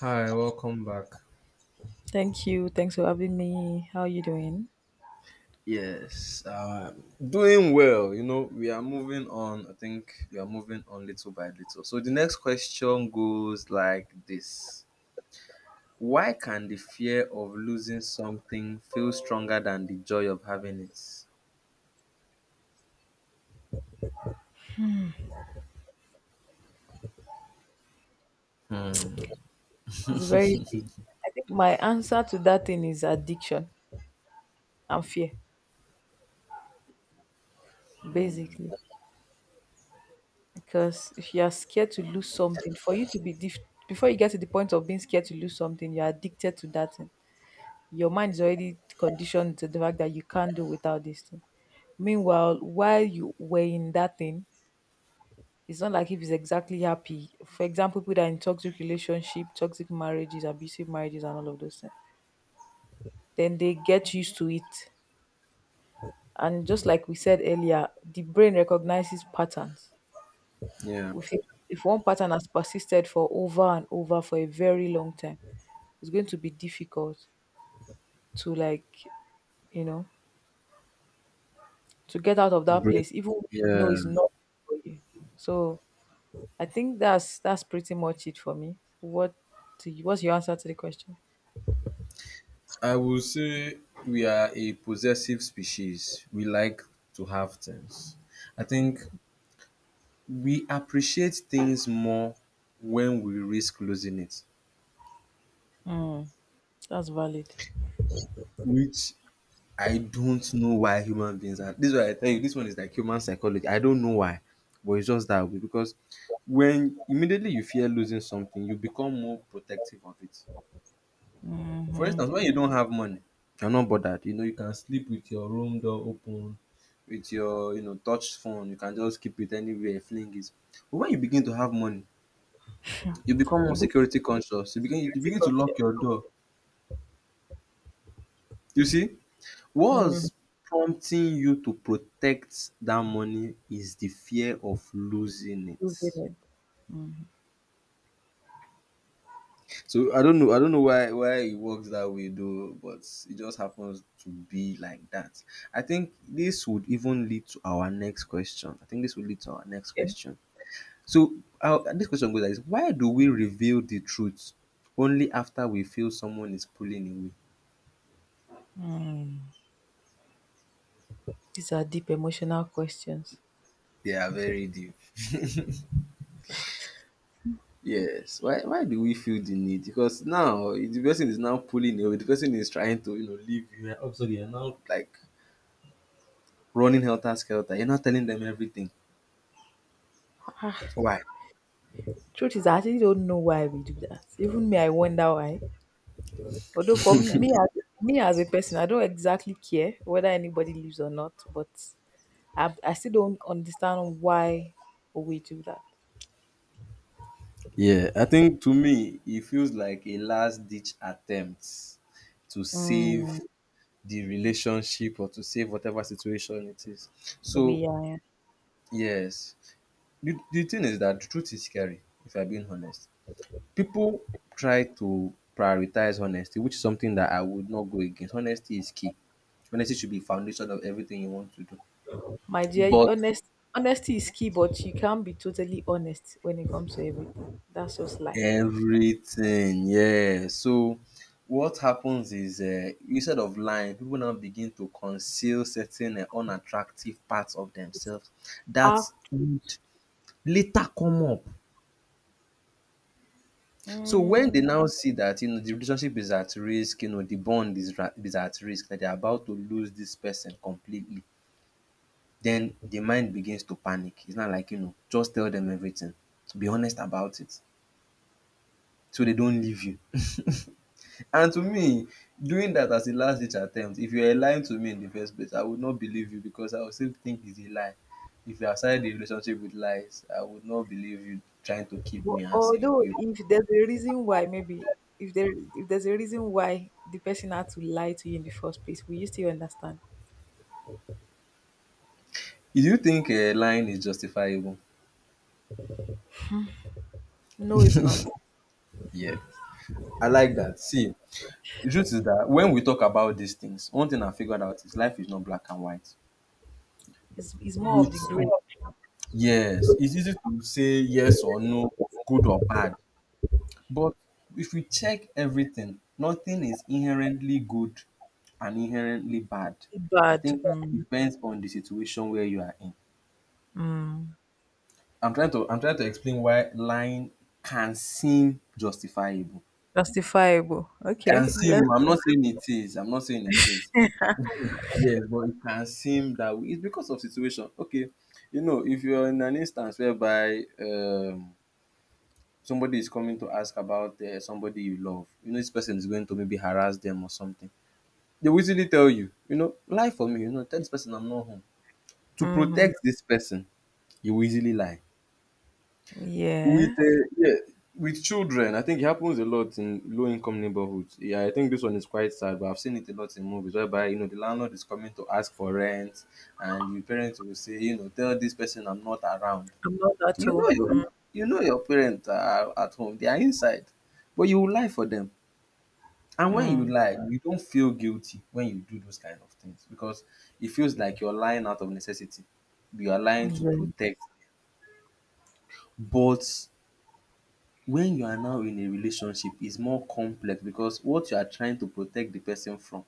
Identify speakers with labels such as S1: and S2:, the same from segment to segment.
S1: Hi, welcome back.
S2: Thank you. Thanks for having me. How are you doing?
S1: Yes, um, doing well. You know, we are moving on. I think we are moving on little by little. So the next question goes like this: Why can the fear of losing something feel stronger than the joy of having it? Hmm.
S2: It's very deep. I think my answer to that thing is addiction and fear,
S1: Hmm.
S2: basically. Because if you are scared to lose something, for you to be dif- before you get to the point of being scared to lose something, you're addicted to that thing. Your mind is already conditioned to the fact that you can't do without this thing. Meanwhile, while you were in that thing, it's not like if he's exactly happy. For example, people that are in toxic relationship, toxic marriages, abusive marriages, and all of those things then they get used to it. And just like we said earlier, the brain recognizes patterns.
S1: Yeah.
S2: If one pattern has persisted for over and over for a very long time, it's going to be difficult to you know, to get out of that
S1: Break.
S2: place, even when you
S1: Yeah.
S2: know it's not for you. So I think that's pretty much it for me. What what's your answer to the question?
S1: I will say we are a possessive species. We like to have things. I think we appreciate things more when we risk losing it,
S2: Mm, that's valid.
S1: which I don't know why human beings are. This is why I tell you, this one is like human psychology. I don't know why, but it's just that way because when immediately you fear losing something, you become more protective of it. For
S2: Mm-hmm.
S1: instance, when you don't have money, you're not bothered. You know, you can sleep with your room door open, with your touch phone. You can just keep it anywhere, fling it. But when you begin to have money, you become more
S2: You be
S1: security conscious. You begin you
S2: security
S1: begin to lock
S2: culture.
S1: your door. You see,
S2: Mm,
S1: what's prompting you to protect that money is the fear of losing
S2: you've been
S1: it.
S2: it. Mm.
S1: So I don't know why it works that way though, but it just happens to be like that. I think this would even lead to our next question. I think this would lead to our next
S2: Okay.
S1: question. So our, this question goes like this: Why do we reveal the truth only after we feel someone is pulling away?
S2: These are deep emotional questions.
S1: They are very deep. Yes. Why do we feel the need? Because now the person is now pulling away. The person is trying to, you know, leave you. And obviously you're now like running helter skelter. You're not telling them everything.
S2: Ah,
S1: Why?
S2: truth is, I actually don't know why we do that. Even me, I wonder why. Although for me, me as a person, I don't exactly care whether anybody lives or not, but I still don't understand why we do that.
S1: Yeah, I think to me it feels like a last ditch attempt to save
S2: Mm,
S1: the relationship or to save whatever situation it is. So
S2: we are,
S1: yes. The thing is that the truth is scary, if I'm being honest. People try to prioritize honesty, which is something that I would not go against. Honesty is key. Honesty should be foundation of everything you want to do.
S2: my dear.
S1: But
S2: Honesty is key, but you can't be totally honest when it comes to everything. That's just life.
S1: everything, yeah. So what happens is instead of lying, people now begin to conceal certain unattractive parts of themselves
S2: Ah,
S1: that would later come up. So when they
S2: mm.
S1: now see that you know the relationship is at risk, you know the bond is at risk, that they're about to lose this person completely, then the mind begins to panic. It's not like, you know, just tell them everything. Be honest about it so they don't leave you. And to me, doing that as a last ditch attempt, if you are lying to me in the first place, I would not believe you because I would still think it's a lie. If you have started a relationship with lies, I would not believe you trying to keep
S2: But
S1: me and saying
S2: although
S1: you.
S2: if there's a reason why, maybe if there's a reason why the person had to lie to you in the first place, will you still understand?
S1: Do you think lying is justifiable?
S2: No, it's not.
S1: Yeah. I like that. See, the truth is that when we talk about these things, one thing I figured out is life is not black and white.
S2: It's more of
S1: With
S2: the gray
S1: yes, it's easy to say yes or no, good or bad. But if we check everything, nothing is inherently good and inherently bad. I
S2: bad.
S1: think it
S2: Mm,
S1: depends on the situation where you are in.
S2: mm,
S1: I'm trying to explain why lying can seem justifiable.
S2: justifiable. Okay,
S1: Can seem
S2: let's
S1: I'm
S2: go.
S1: not saying it is. I'm not saying it is. Yes, but it can seem that way. It's because of situation. Okay. You know, if you're in an instance whereby somebody is coming to ask about somebody you love, you know this person is going to maybe harass them or something, they will easily tell you, you know, lie for me, you know, tell this person I'm not home. To
S2: Hmm.
S1: protect this person, you will easily lie. With
S2: Yeah,
S1: yeah, with children, I think it happens a lot in low income neighborhoods. Yeah, I think this one is quite sad, but I've seen it a lot in movies whereby you know the landlord is coming to ask for rent, and the parents will say, you know, tell this person I'm not around.
S2: I'm not that
S1: You know
S2: old.
S1: your you know your parents are at home, they are inside, but you will lie for them. And when you
S2: Mm,
S1: lie, you don't feel guilty when you do those kind of things because it feels like you're lying out of necessity. You are lying to
S2: yeah,
S1: protect. But when you are now in a relationship, it's more complex because what you are trying to protect the person from,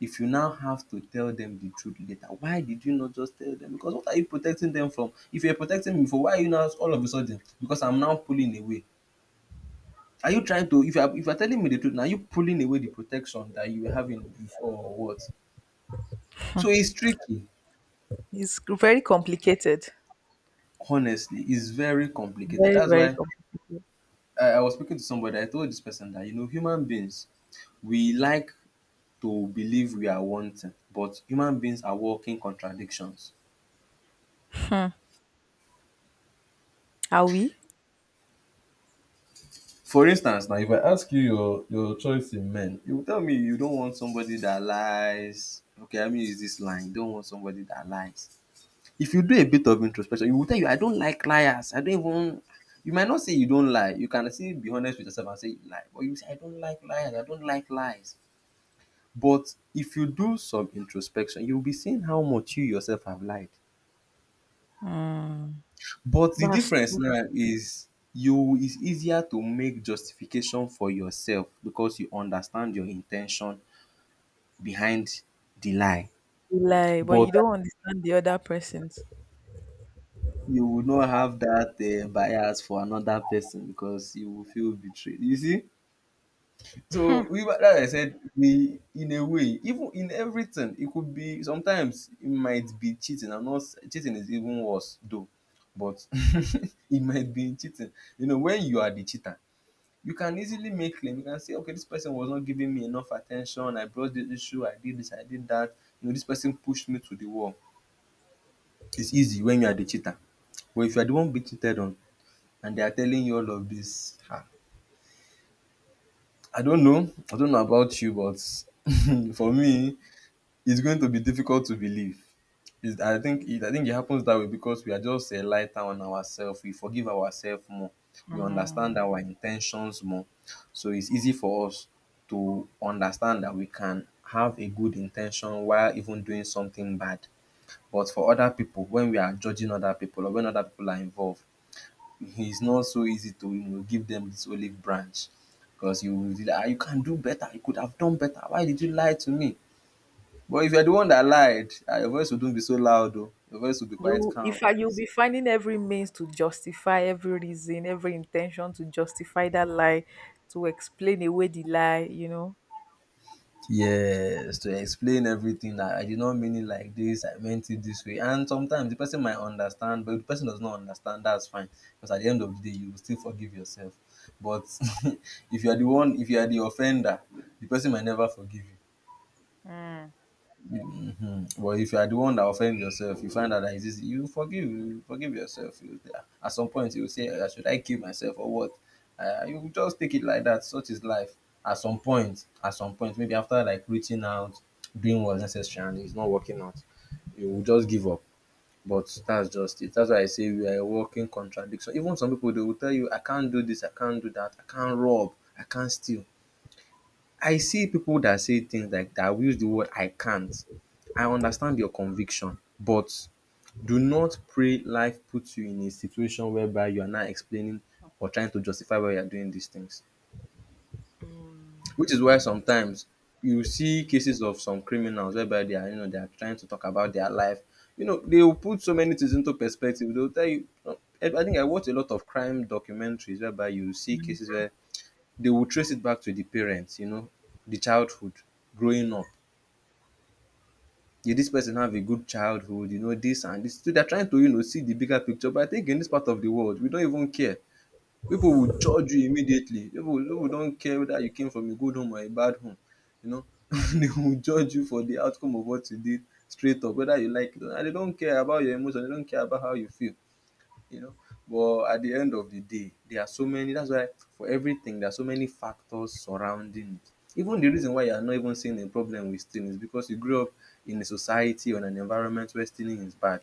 S1: if you now have to tell them the truth later, why did you not just tell them? Because what are you protecting them from? If you're protecting me for, why are you now all of a sudden? Because I'm now pulling away. Are you trying to if you are telling me the truth, now are you pulling away the protection that you were having before or what? So it's tricky.
S2: it's very complicated.
S1: Honestly, it's very complicated.
S2: Very
S1: That's
S2: very
S1: why
S2: complicated.
S1: I was speaking to somebody. I told this person that you know, human beings we like to believe we are one thing, but human beings are walking contradictions.
S2: Are we?
S1: For instance, now if I ask you your choice in men, you will tell me you don't want somebody that lies. Okay, I mean, is this lying? You don't want somebody that lies. If you do a bit of introspection, you will tell you, I don't like liars. I don't even. You might not say you don't lie. You can still be honest with yourself and say you lie. But you say, I don't like liars. I don't like lies. But if you do some introspection, you'll be seeing how much you yourself have lied.
S2: Mm,
S1: But the
S2: that's
S1: difference
S2: true.
S1: now is you it's easier to make justification for yourself because you understand your intention behind the lie.
S2: Like, but
S1: But
S2: you don't understand the other person's.
S1: you will not have that bias for another person because you will feel betrayed. You see, so we were like I said, we in a way, even in everything, it could be sometimes it might be cheating. I'm not s- cheating is even worse though, but it might be cheating. You know, when you are the cheater, you can easily make claim. You can say, okay, this person was not giving me enough attention. I brought this issue. I did this. I did that. You know, this person pushed me to the wall. It's easy when you are the cheater. But if you are the one being cheated on and they are telling you all of this, ah, I don't know. I don't know about you, but for me, it's going to be difficult to believe. It's, I think it happens that way because we are just lighter on ourselves. We forgive ourselves more. We understand
S2: Mm.
S1: our intentions more. So it's easy for us to understand that we can have a good intention while even doing something bad. But for other people, when we are judging other people or when other people are involved, it's not so easy to you know, give them this olive branch because you will be like, "Ah, you can do better. You could have done better. Why did you lie to me?" But if you're the one that lied, ah, your voice wouldn't be so loud oh. Your voice would be quite
S2: You,
S1: calm.
S2: if I, you'll be finding every means to justify every reason, every intention to justify that lie, to explain away the lie, you know.
S1: Yes, to explain everything that I did not mean it like this, I meant it this way. And sometimes the person might understand, but if the person does not understand, that's fine. Because at the end of the day, you will still forgive yourself. But if you are the one, if you are the offender, the person might never forgive you. Mhm. Well, if you are the one that offend yourself, you find out that it's easy. You forgive yourself. You, yeah. At some point, you will say, "Ah, should I kill myself or what?" You will just take it like that. Such is life. At some point, maybe after like reaching out, doing what's necessary, and it's not working out, you will just give up. But that's just it. That's why I say we are a working contradiction. Even some people they will tell you, "I can't do this. I can't do that. I can't rob. I can't steal." I see people that say things like that will use the word I can't. I understand your conviction, but do not pray life puts you in a situation whereby you are now explaining or trying to justify why you are doing these things. Which is why sometimes you see cases of some criminals whereby they are, you know, they are trying to talk about their life. You know, they will put so many things into perspective. They'll tell you. I think I watch a lot of crime documentaries whereby you see cases where they will trace it back to the parents. You know, the childhood, growing up. Did dis person have a good childhood, you know, dis and dis. So, they are trying to, you know, see the bigger picture, but I think in dis part of the world we don't even care. Pipu will judge you immediately. Pipu don't care whether you came from a good home or a bad home, you know. They will judge you for the outcome of what you did straight up, whether you like it or not, and they don't care about your emotion, they don't care about how you feel. You know. But at the end of the day, there are so many, that's why for everything there are so many factors surrounding it. Even the reason why you are not even seeing a problem with stealing is because you grew up in a society or an environment where stealing is bad.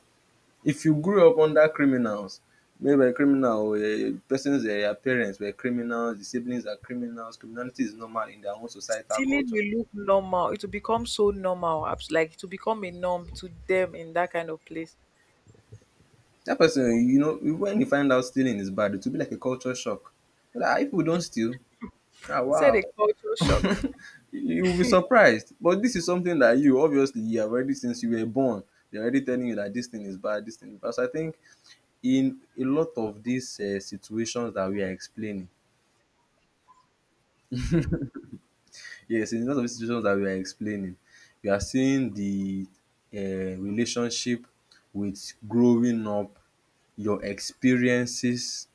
S1: If you grew up under criminals, maybe a criminal or a person's your parents were criminals, the siblings are criminals, criminality is normal in their own societal
S2: Stealing
S1: culture.
S2: will look normal. It will become so normal, like to become a norm to them in that kind of place.
S1: That person, you know, when you find out stealing is bad, it will be like a culture shock. Like, "Ah, if we don't steal, ah,
S2: It's a
S1: wow,"
S2: cultural shock.
S1: you will be surprised. But dis is something that you obviously you have already since you were born, they are already telling you dat dis thing is bad, dis thing is bad. So I think in a lot of dis situations dat we are explaining. Yes, in lots of these situations that we are explaining, we are seeing the relationship with growing up, your experiences,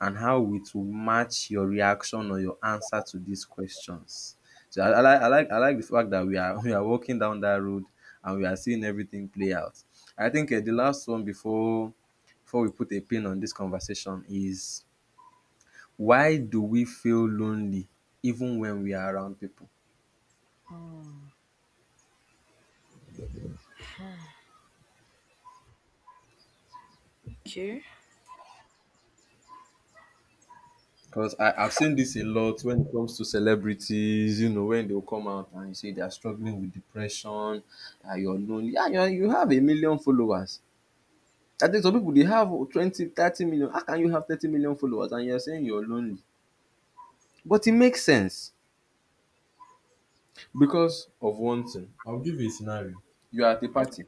S1: and how it will match your reaction or your answer to these questions. So I like the fact that we are we are walking down that road and we are seeing everything play out. I think the last one before we put a pin on this conversation is, why do we feel lonely even when we are around people?
S2: Okay,
S1: Because I've seen this a lot when it comes to celebrities, you know, when they'll come out and you say they are struggling with depression, you're lonely. Yeah, you have a million followers. I think some people, they have 20, 30 million. How can you have 30 million followers and you're saying you're lonely? But it makes sense because of one thing. I'll give you a scenario. You are at a party.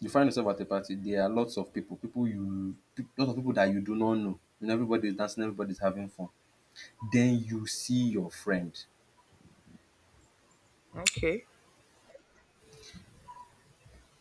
S1: You find yourself at a party. There are lots of people, lots of people that you do not know. And everybody's dancing, everybody's having fun. Then you see your friend.
S2: okay.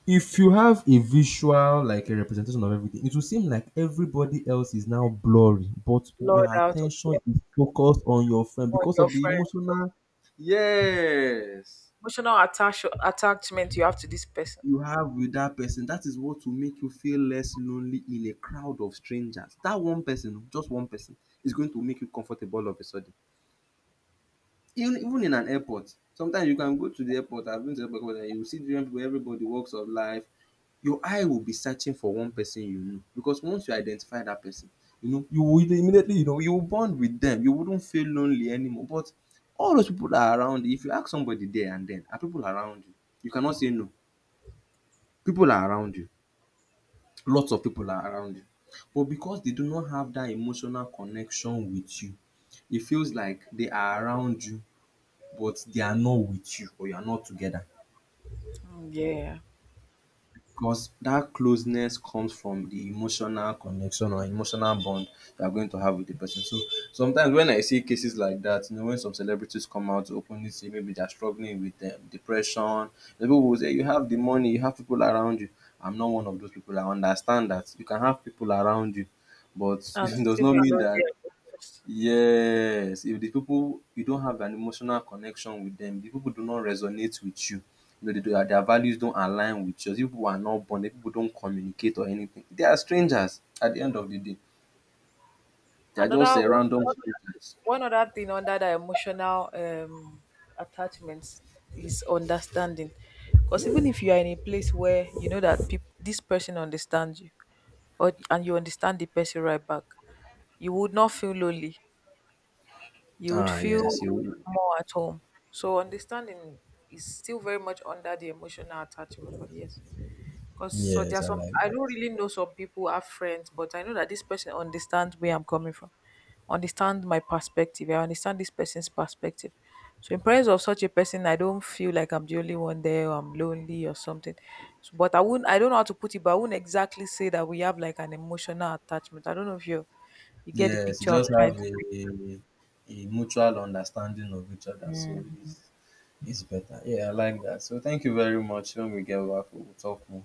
S1: If you have a visual, like a representation of everything, it will seem like everybody else is now blurry, but your
S2: Lord out of
S1: attention
S2: it.
S1: is focused on your friend
S2: Or
S1: because
S2: your
S1: of the
S2: friend.
S1: emotional Yes.
S2: Emotional attachment you have to this person.
S1: You have with that person, that is what will make you feel less lonely in a crowd of strangers. That one person, just one person, is going to make you comfortable all of a sudden. Even in an airport, sometimes you can go to the airport, I've been to the airport and you see different people, everybody walks of life, your eye will be searching for one person, you know, because once you identify that person, you know, you will immediately, you know, you will bond with them, you wouldn't feel lonely anymore. But all those people that are around you, if you ask somebody there and then, are people around you? You cannot say no, people are around you, lots of people are around you, but because they do not have that emotional connection with you, it feels like they are around you, but they are not with you, or you are not together.
S2: Mm, yeah.
S1: Because that closeness comes from the emotional connection or emotional bond you are going to have with the person. So sometimes when I see cases like that, you know, when some celebrities come out to openly say maybe they're struggling with depression, the people will say, "You have the money, you have people around you." I'm not one of those people. I understand that you can have people around you, but
S2: And
S1: it does
S2: still
S1: not
S2: be
S1: mean
S2: lonely
S1: that.
S2: and depressed.
S1: Yes, if the people, you don't have an emotional connection with them, the people do not resonate with you. You know, their values don't align with yours. You people are not bonded. People don't communicate or anything. They are strangers at the end of the day. They are
S2: Another
S1: just a
S2: one,
S1: random
S2: one
S1: strangers.
S2: one other thing under the emotional attachments is understanding. Because even if you are in a place where you know that peop this person understands you, or and you understand the person right back, you would not feel lonely. You would
S1: Ah,
S2: feel
S1: yes, you.
S2: more at home. So understanding is still very much under the emotional attachment. But yes. Because so there
S1: Yes,
S2: are
S1: I
S2: some
S1: like
S2: I
S1: that.
S2: don't really know some people who have friends, but I know that this person understands where I'm coming from, understand my perspective. I understand this person's perspective. So in presence of such a person, I don't feel like I'm the only one there or I'm lonely or something. So, but I wouldn't I don't know how to put it, but I wouldn't exactly say that we have like an emotional attachment. I don't know if you get the
S1: Yes, you
S2: picture I'm
S1: just
S2: trying
S1: have
S2: to
S1: a mutual understanding of each other, so
S2: paint.
S1: it's it's better. Yeah, I like that. So thank you very much. When we get back, we'll talk more.